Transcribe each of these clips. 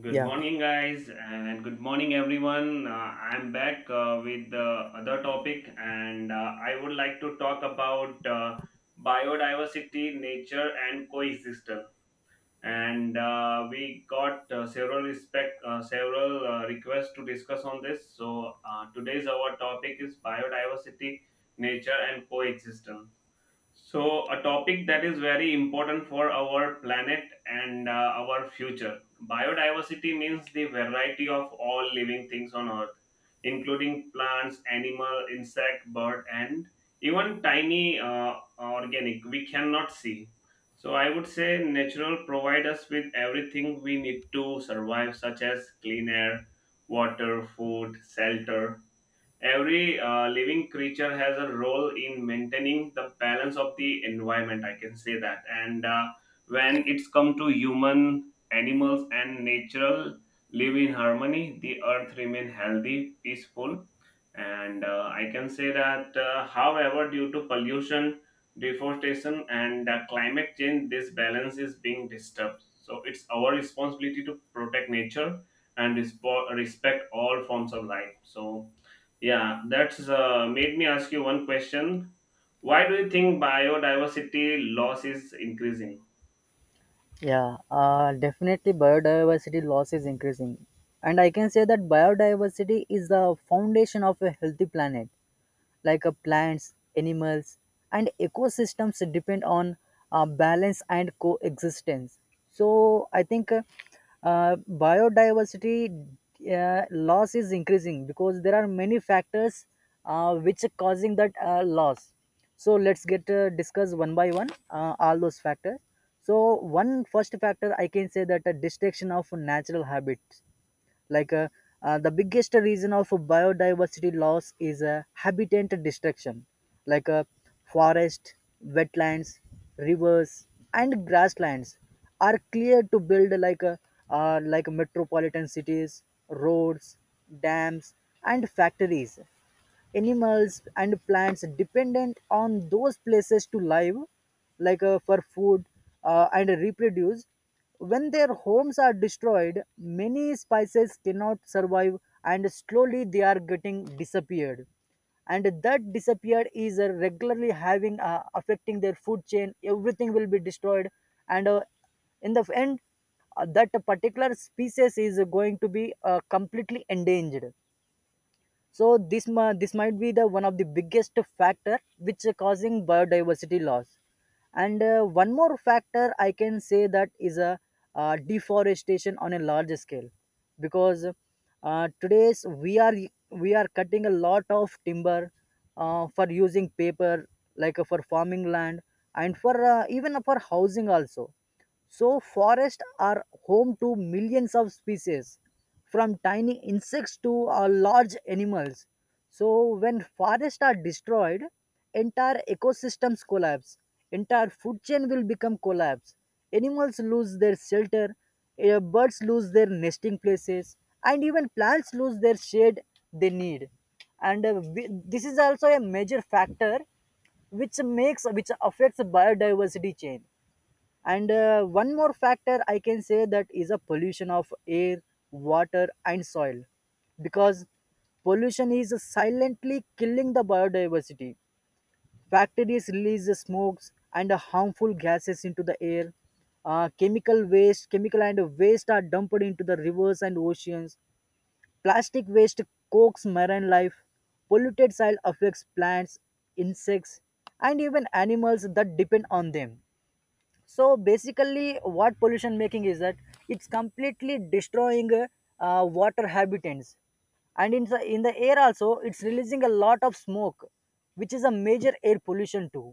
Good Yeah, morning, guys, and good morning, everyone. I'm back with the other topic, and I would like to talk about biodiversity, nature, and coexistence. And we got several several requests to discuss on this. So today's our topic is biodiversity, nature, and coexistence. So, a topic that is very important for our planet and our future. Biodiversity means the variety of all living things on Earth, including plants, animal, insect, bird, and even tiny organic we cannot see. So, I would say natural provide us with everything we need to survive, such as clean air, water, food, shelter. Every living creature has a role in maintaining the balance of the environment, I can say that. And When it's come to human, animals and natural live in harmony, the earth remain healthy, peaceful. And I can say that, however, due to pollution, deforestation and climate change, this balance is being disturbed. So it's our responsibility to protect nature and respect all forms of life. So yeah, that's made me ask you one question. Why do you think biodiversity loss is increasing? yeah, definitely biodiversity loss is increasing. And I can say that biodiversity is the foundation of a healthy planet. Like plants, animals, and ecosystems depend on balance and coexistence. So I think biodiversity loss is increasing because there are many factors which are causing that loss. So let's get discuss one by one all those factors. So one first factor I can say that, a destruction of natural habits, like uh, the biggest reason of biodiversity loss is habitat destruction. Like forest, wetlands, rivers and grasslands are cleared to build like metropolitan cities, roads, dams and factories. Animals and plants dependent on those places to live, like for food and reproduce. When their homes are destroyed, many species cannot survive, and slowly they are getting disappeared. And that disappeared is regularly having affecting their food chain. Everything will be destroyed, and in the end, that particular species is going to be completely endangered. So this might be the one of the biggest factor which are causing biodiversity loss. And one more factor I can say that is a deforestation on a large scale, because today's we are cutting a lot of timber for using paper, like for farming land and for even for housing also. So, forests are home to millions of species, from tiny insects to large animals. So, when forests are destroyed, entire ecosystems collapse, entire food chain will become collapse. Animals lose their shelter, birds lose their nesting places, and even plants lose their shade they need. And this is also a major factor which makes which affects biodiversity change. And one more factor I can say that is a pollution of air, water and soil, because pollution is silently killing the biodiversity. Factories release the smokes and the harmful gases into the air. Chemical waste, chemical and waste are dumped into the rivers and oceans. Plastic waste cooks marine life, polluted soil affects plants, insects and even animals that depend on them. So basically what pollution making is that, it's completely destroying water habitats, and in the air also it's releasing a lot of smoke which is a major air pollution too.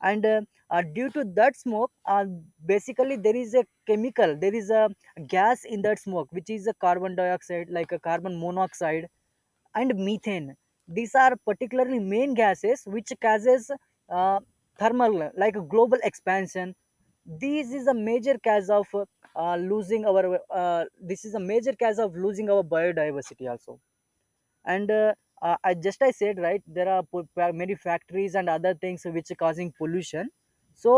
And due to that smoke, basically there is a gas in that smoke which is a carbon dioxide, like a carbon monoxide and methane. These are particularly main gases which causes uh, thermal like global expansion. This is a major cause of losing our this is a major cause of losing our biodiversity also. And I said right, there are many factories and other things which are causing pollution. So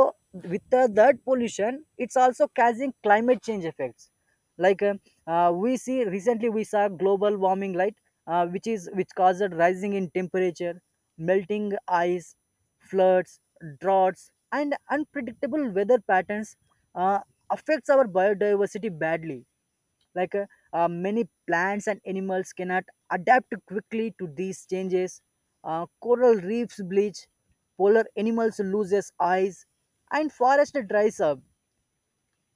with that pollution it's also causing climate change effects. Like we see recently we saw global warming light, which caused rising in temperature, melting ice, floods, droughts and unpredictable weather patterns uh, affects our biodiversity badly. Like many plants and animals cannot adapt quickly to these changes. Coral reefs bleach, polar animals loses eyes, and forest dries up.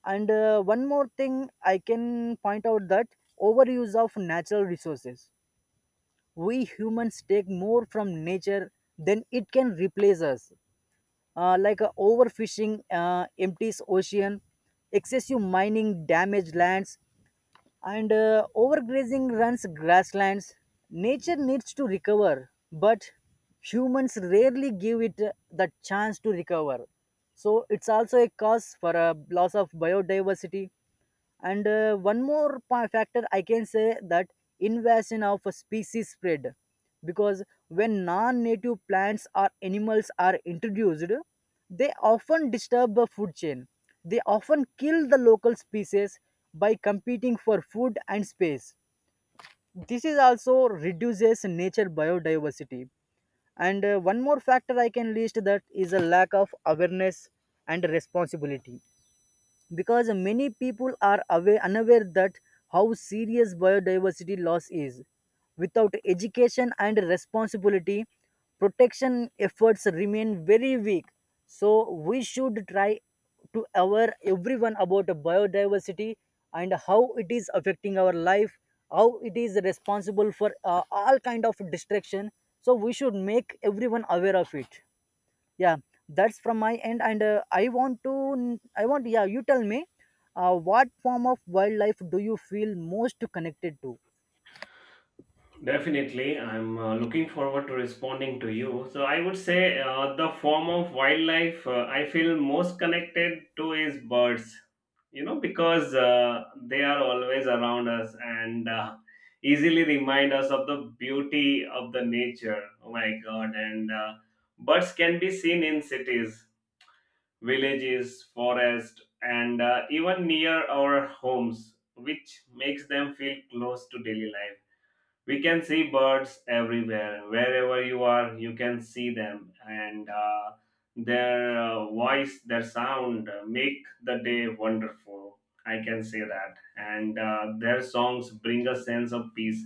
And one more thing I can point out that, overuse of natural resources. We humans take more from nature than it can replace us. Overfishing empties ocean, excessive mining damage lands, and overgrazing runs grasslands. Nature needs to recover, but humans rarely give it the chance to recover. So it's also a cause for a loss of biodiversity. And factor I can say that, invasion of a species spread. Because when non-native plants or animals are introduced, they often disturb the food chain, they often kill the local species by competing for food and space. This is also reduces nature biodiversity. And one more factor I can list that is a lack of awareness and responsibility, because many people are unaware that how serious biodiversity loss is. Without education and responsibility, protection efforts remain very weak. So we should try to aware everyone about biodiversity, and how it is affecting our life, how it is responsible for all kind of destruction. So we should make everyone aware of it. Yeah, that's from my end. And I want, yeah, you tell me, what form of wildlife do you feel most connected to? Definitely, I'm looking forward to responding to you. So, I would say the form of wildlife I feel most connected to is birds, you know, because they are always around us and easily remind us of the beauty of the nature. Oh my god. And birds can be seen in cities, villages, forest, and even near our homes, which makes them feel close to daily life. We can see birds everywhere. Wherever you are, you can see them, and their voice, their sound make the day wonderful. I can say that. And their songs bring a sense of peace,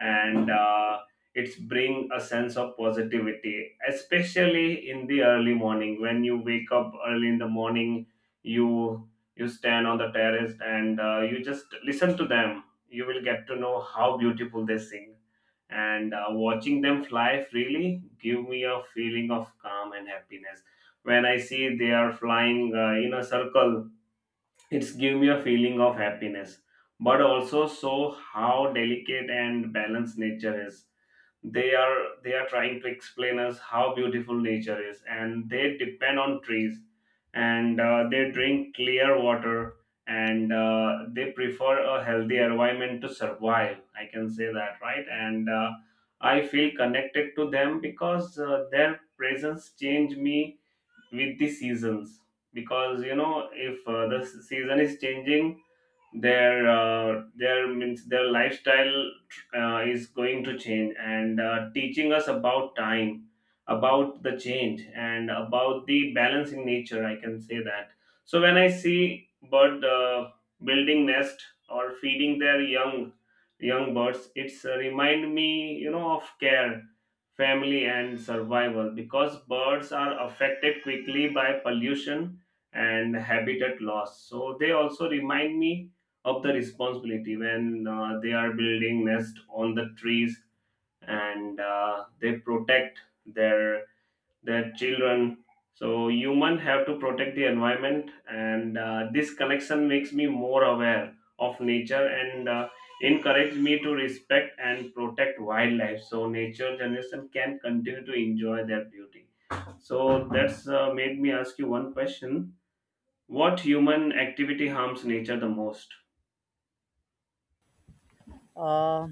and it's bring a sense of positivity, especially in the early morning. When you wake up early in the morning, you you stand on the terrace and you just listen to them, you will get to know how beautiful they sing. And watching them fly freely give me a feeling of calm and happiness. When I see they are flying in a circle, it's give me a feeling of happiness, but also so how delicate and balanced nature is. They are they are trying to explain us how beautiful nature is, and they depend on trees, and they drink clear water, and they prefer a healthy environment to survive, I can say that, right? And I feel connected to them because their presence change me with the seasons, because you know, if the season is changing, their means their lifestyle is going to change and teaching us about time, about the change, and about the balance in nature, I can say that. So when I see bird building nest or feeding their young, young birds, it's remind me, you know, of care, family and survival, because birds are affected quickly by pollution and habitat loss. So they also remind me of the responsibility. When they are building nest on the trees and they protect their their children, so human have to protect the environment. And this connection makes me more aware of nature and encourage me to respect and protect wildlife, so nature generation can continue to enjoy their beauty. So that's made me ask you one question. What human activity harms nature the most? uh,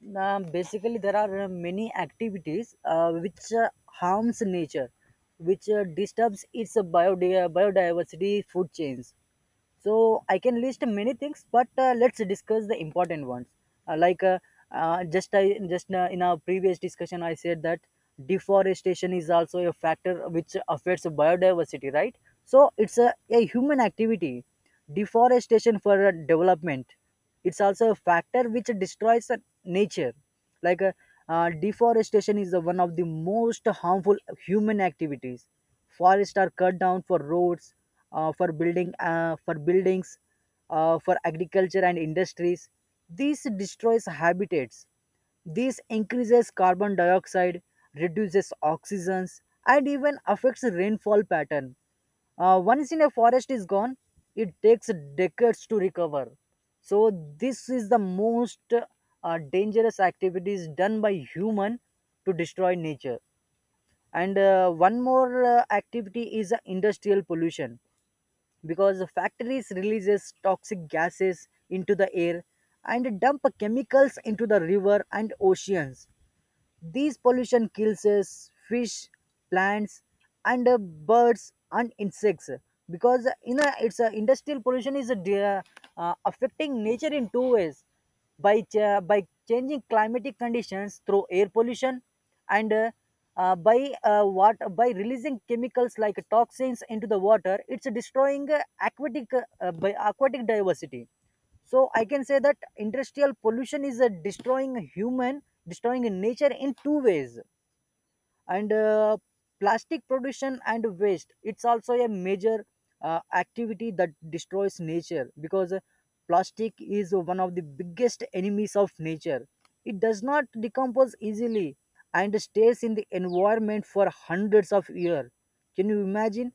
now basically there are many activities which harms nature, which disturbs its biodiversity food chains. So I can list many things, but let's discuss the important ones. Like just I just in our previous discussion I said that deforestation is also a factor which affects biodiversity, right? So it's a human activity, deforestation for development. It's also a factor which destroys the nature. Like deforestation is the one of the most harmful human activities. Forests are cut down for roads, for buildings, for agriculture and industries. This destroys habitats. This increases carbon dioxide, reduces oxygen, and even affects rainfall pattern. Once in a forest is gone, it takes decades to recover. So this is the most dangerous activities done by human to destroy nature. And one more activity is industrial pollution, because the factories releases toxic gases into the air and dump chemicals into the river and oceans. These pollution kills us, fish, plants, and birds and insects. Because you know, it's a industrial pollution is affecting nature in two ways. By by changing climatic conditions through air pollution, and by releasing chemicals like toxins into the water, it's destroying aquatic diversity. So I can say that industrial pollution is a destroying human destroying nature in two ways. And plastic production and waste, it's also a major activity that destroys nature, because plastic is one of the biggest enemies of nature. It does not decompose easily and stays in the environment for hundreds of years. Can you imagine,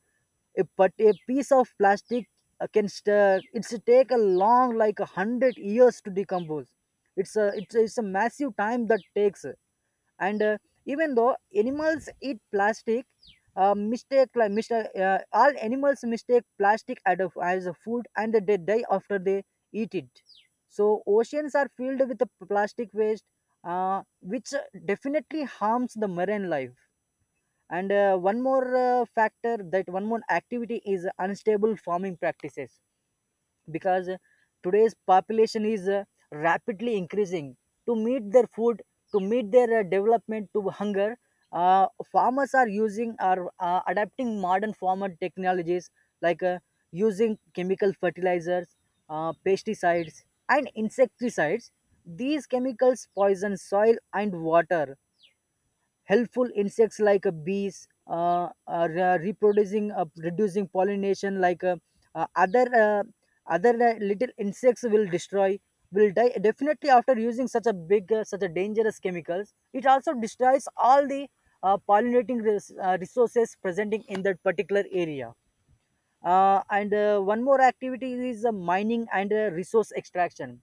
but a piece of plastic it's take a long like 100 years to decompose. It's a massive time that takes. And even though animals eat plastic, mistake like mr all animals mistake plastic as a food, and they die after they eat it. So oceans are filled with the plastic waste which definitely harms the marine life. And one more activity is unstable farming practices, because today's population is rapidly increasing. To meet their food, to meet their development to hunger, uh, farmers are using are adapting modern farmer technologies, like using chemical fertilizers, pesticides and insecticides. These chemicals poison soil and water. Helpful insects like bees are reproducing reducing pollination. Like uh, uh, other uh, other little insects will destroy, will die. Definitely after using such a big such a dangerous chemicals, it also destroys all the resources presenting in that particular area. And one more activity is mining and resource extraction,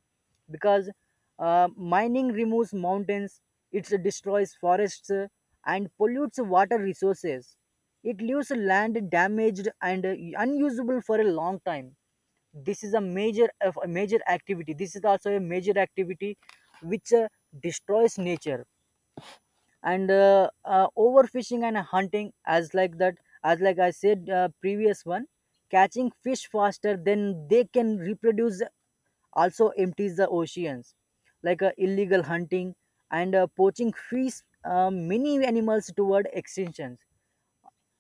because mining removes mountains, it destroys forests and pollutes water resources. It leaves land damaged and unusable for a long time. This is a major, a major activity this is also a major activity which destroys nature. And overfishing and hunting, as like that, as like I said previous one, catching fish faster than they can reproduce also empties the oceans. Like illegal hunting and poaching fish, many animals toward extinction.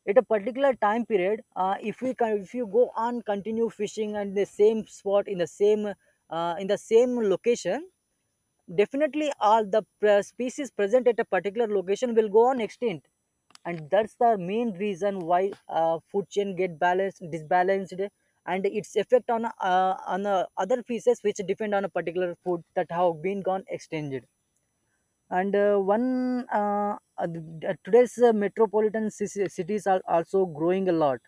At a particular time period, if we can if you go on continue fishing and the same spot, in the same location, definitely all the species present at a particular location will go on extinct. And that's the main reason why food chain get balanced, disbalanced, and its effect on other species which depend on a particular food that have been gone extinct. And today's cities are also growing a lot,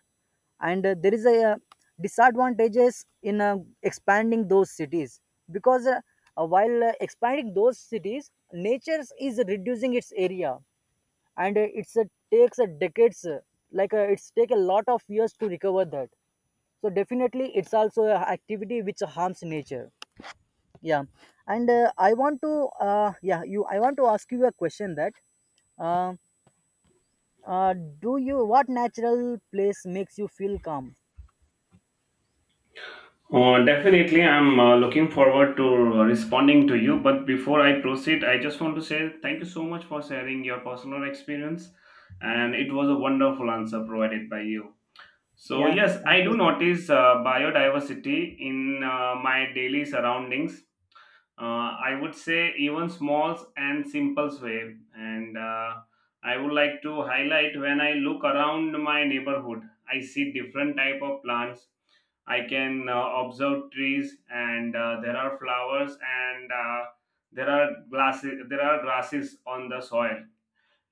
and there is a disadvantages in expanding those cities. Because while expanding those cities, nature is reducing its area, and it's takes a decades, it's take a lot of years to recover that. So definitely it's also an activity which harms nature. Yeah. And I want to ask you a question that, uh, uh, do you what natural place makes you feel calm? Definitely, I'm looking forward to responding to you. But before I proceed, I just want to say thank you so much for sharing your personal experience, and it was a wonderful answer provided by you. So Yeah, yes, thank I do notice biodiversity in my daily surroundings, I would say even small and simple way. And I would like to highlight, when I look around my neighborhood, I see different type of plants. I can observe trees, and there are flowers, and there are glasses, there are grasses on the soil,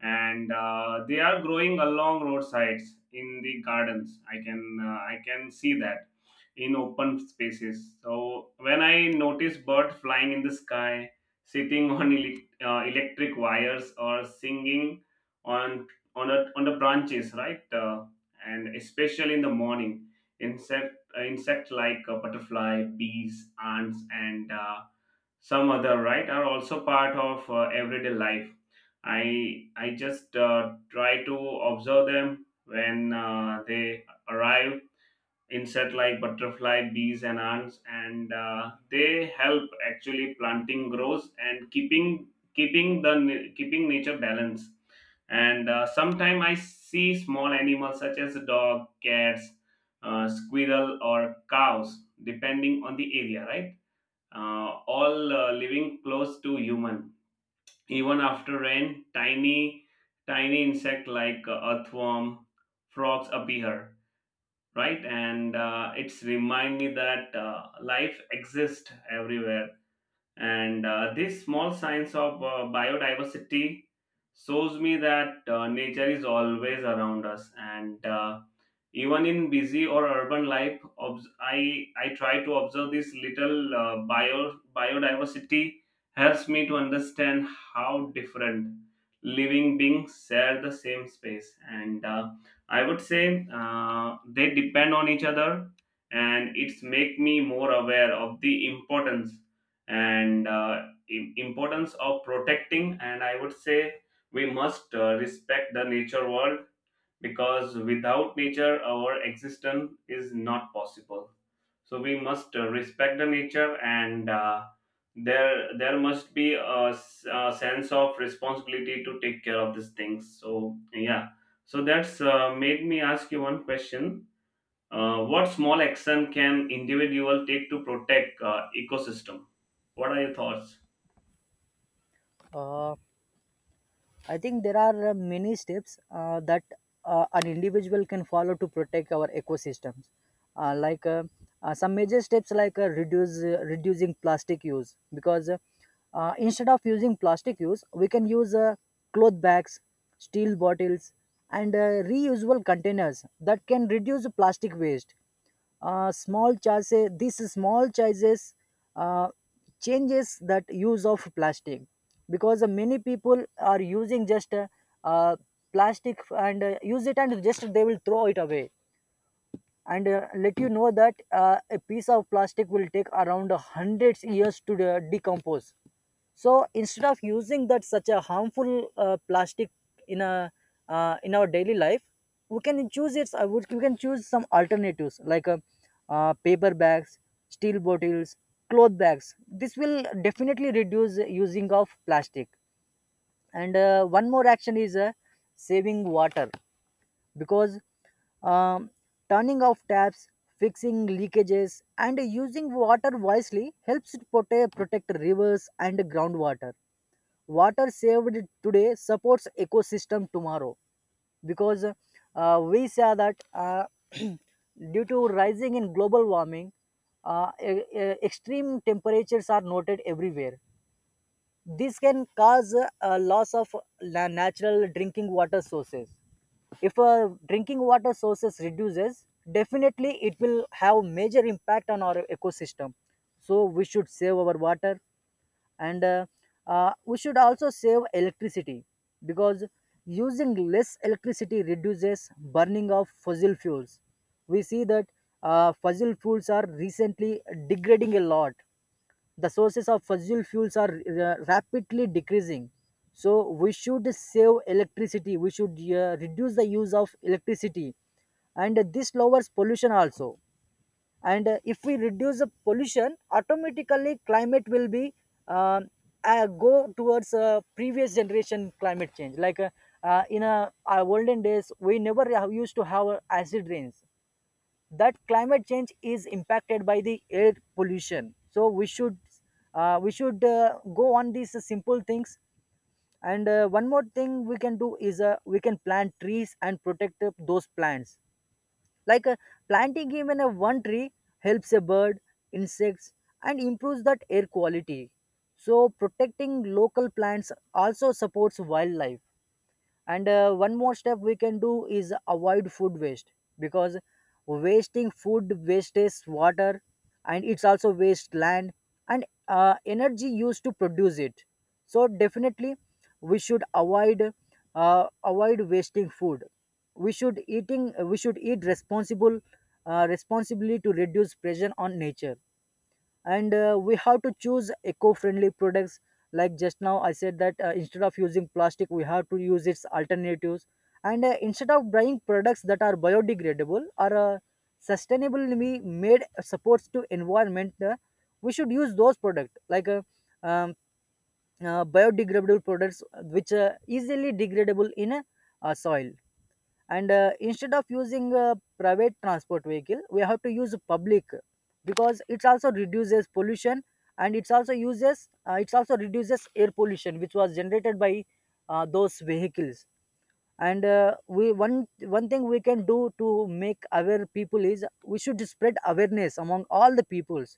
and they are growing along roadsides in the gardens, I can see that in open spaces. So when I notice birds flying in the sky, sitting on electric wires or singing on on the branches, right? And especially in the morning, insect insect like butterfly, bees, ants and some other, right, are also part of everyday life. I just try to observe them when they arrive. Insect like butterfly, bees and ants, and they help actually planting grows and keeping the keeping nature balance. And sometimes I see small animals such as dog, cats, squirrel or cows, depending on the area, right? All living close to human. Even after rain, tiny insect like earthworm, frogs appear, right? And it's remind me that life exists everywhere, and this small science of biodiversity shows me that nature is always around us. And even in busy or urban life, I try to observe this little biodiversity helps me to understand how different living beings share the same space. And I would say they depend on each other, and it's make me more aware of the importance, and importance of protecting. And I would say, we must respect the nature world, because without nature our existence is not possible. So we must respect the nature, and there must be a sense of responsibility to take care of these things. So yeah, so that's made me ask you one question. What small action can individual take to protect ecosystem? What are your thoughts? you I think there are many steps that an individual can follow to protect our ecosystems. Uh, like uh, some major steps, like reduce reducing plastic use, because instead of using plastic use, we can use cloth bags, steel bottles, and reusable containers that can reduce plastic waste. Uh, small chances these small changes uh, changes that use of plastic, because many people are using just uh, plastic and use it and just they will throw it away. And let you know that a piece of plastic will take around hundreds years to decompose. So instead of using that such a harmful plastic in a in our daily life we can choose its I would we can choose some alternatives like paper bags, steel bottles, cloth bags. This will definitely reduce using of plastic. And one more action is saving water, because um, turning off taps, fixing leakages and using water wisely helps to protect rivers and groundwater. Water saved today supports ecosystem tomorrow, because we saw that due to rising in global warming, uh, e- e- extreme temperatures are noted everywhere. This can cause a loss of natural drinking water sources. If drinking water sources reduces, definitely it will have major impact on our ecosystem. So we should save our water. And we should also save electricity, because using less electricity reduces burning of fossil fuels. We see that fossil fuels are recently degrading a lot. The sources of fossil fuels are rapidly decreasing. So we should save electricity, we should reduce the use of electricity, and this lowers pollution also. And if we reduce the pollution, automatically climate will be uh, go towards previous generation climate change. Like in our olden days we never used to have acid rains. That climate change is impacted by the air pollution, so we should go on these simple things. And one more thing we can do is we can plant trees and protect those plants. Like planting even a one tree helps a bird, insects, and improves that air quality. So protecting local plants also supports wildlife. And one more step we can do is avoid food waste, because wasting food wastes water, and it's also waste land, and energy used to produce it. So definitely we should avoid wasting food. We should eating we should eat responsible responsibly to reduce pressure on nature. And we have to choose eco-friendly products. Like just now I said that instead of using plastic we have to use its alternatives. And instead of buying products that are biodegradable or sustainably made supports to environment, we should use those products like um, biodegradable products which are easily degradable in a soil. And instead of using private transport vehicle we have to use public, because it also reduces pollution. And it's also uses it's also reduces air pollution which was generated by those vehicles. And we one one thing we can do to make aware people is we should spread awareness among all the peoples,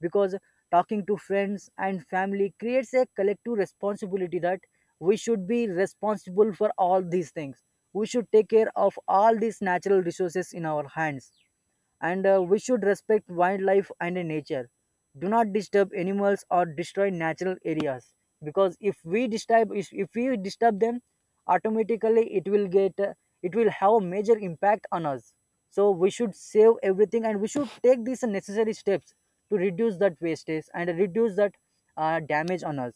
because talking to friends and family creates a collective responsibility that we should be responsible for all these things. We should take care of all these natural resources in our hands. And we should respect wildlife and nature. Do not disturb animals or destroy natural areas, because if we disturb if we disturb them, automatically it will get it will have a major impact on us. So we should save everything and we should take these necessary steps to reduce that wastage and reduce that damage on us.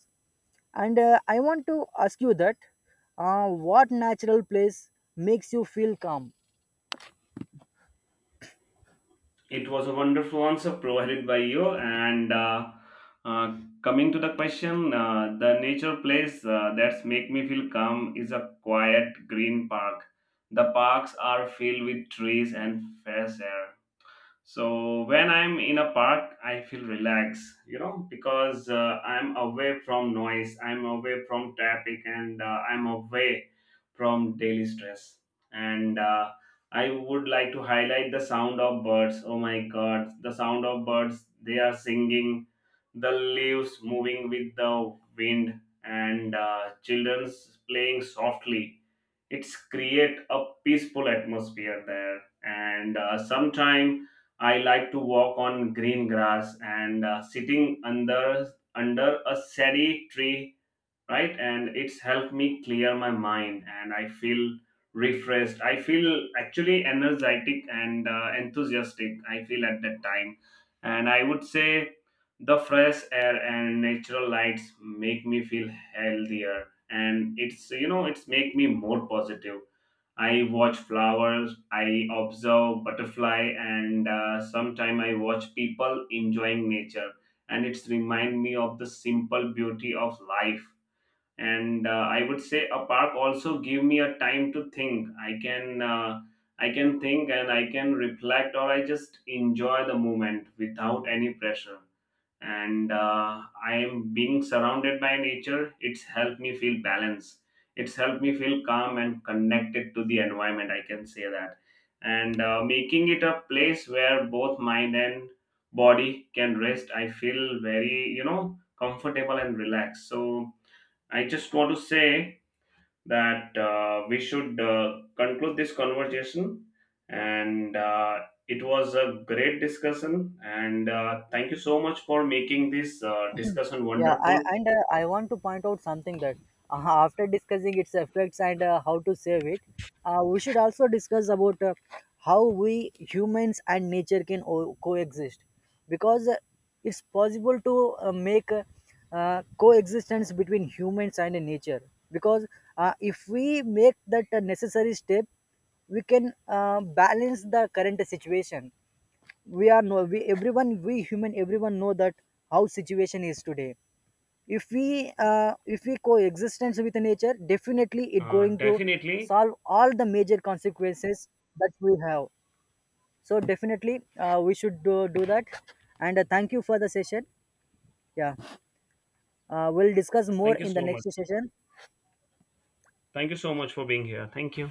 And I want to ask you that what natural place makes you feel calm? It was a wonderful answer provided by you. And uh, Coming to the question, the nature place that's make me feel calm is a quiet green park. The parks are filled with trees and fresh air. So when I'm in a park, I feel relaxed, you know, because I'm away from noise, I'm away from traffic, and I'm away from daily stress. And I would like to highlight the sound of birds. Oh my God, the sound of birds! They are singing, the leaves moving with the wind, and children's playing softly. It's create a peaceful atmosphere there. And sometime I like to walk on green grass and sitting under under a shady tree, right? And it's helped me clear my mind, and I feel refreshed. I feel actually energetic and enthusiastic, I feel at that time. And I would say the fresh air and natural lights make me feel healthier, and it's, you know, it's make me more positive. I watch flowers, I observe butterfly, and sometime I watch people enjoying nature, and it's remind me of the simple beauty of life. And I would say a park also give me a time to think. I can think and I can reflect, or I just enjoy the moment without any pressure. And I am being surrounded by nature, it's helped me feel balance, it's helped me feel calm and connected to the environment, I can say that, and making it a place where both mind and body can rest. I feel very, you know, comfortable and relaxed. So I just want to say that we should conclude this conversation, and it was a great discussion. And thank you so much for making this discussion Yeah, wonderful. I want to point out something that after discussing its effects and how to save it, we should also discuss about how we humans and nature can coexist, because it's possible to make coexistence between humans and nature. Because if we make that necessary step, we can balance the current situation. We are no we everyone we human everyone know that how situation is today. If we coexistence with nature, definitely it going to Definitely. solve all the major consequences that we have. So definitely we should do that. And thank you for the session. Yeah, we'll discuss more Thank you in the so next much. session. Thank you so much for being here. Thank you.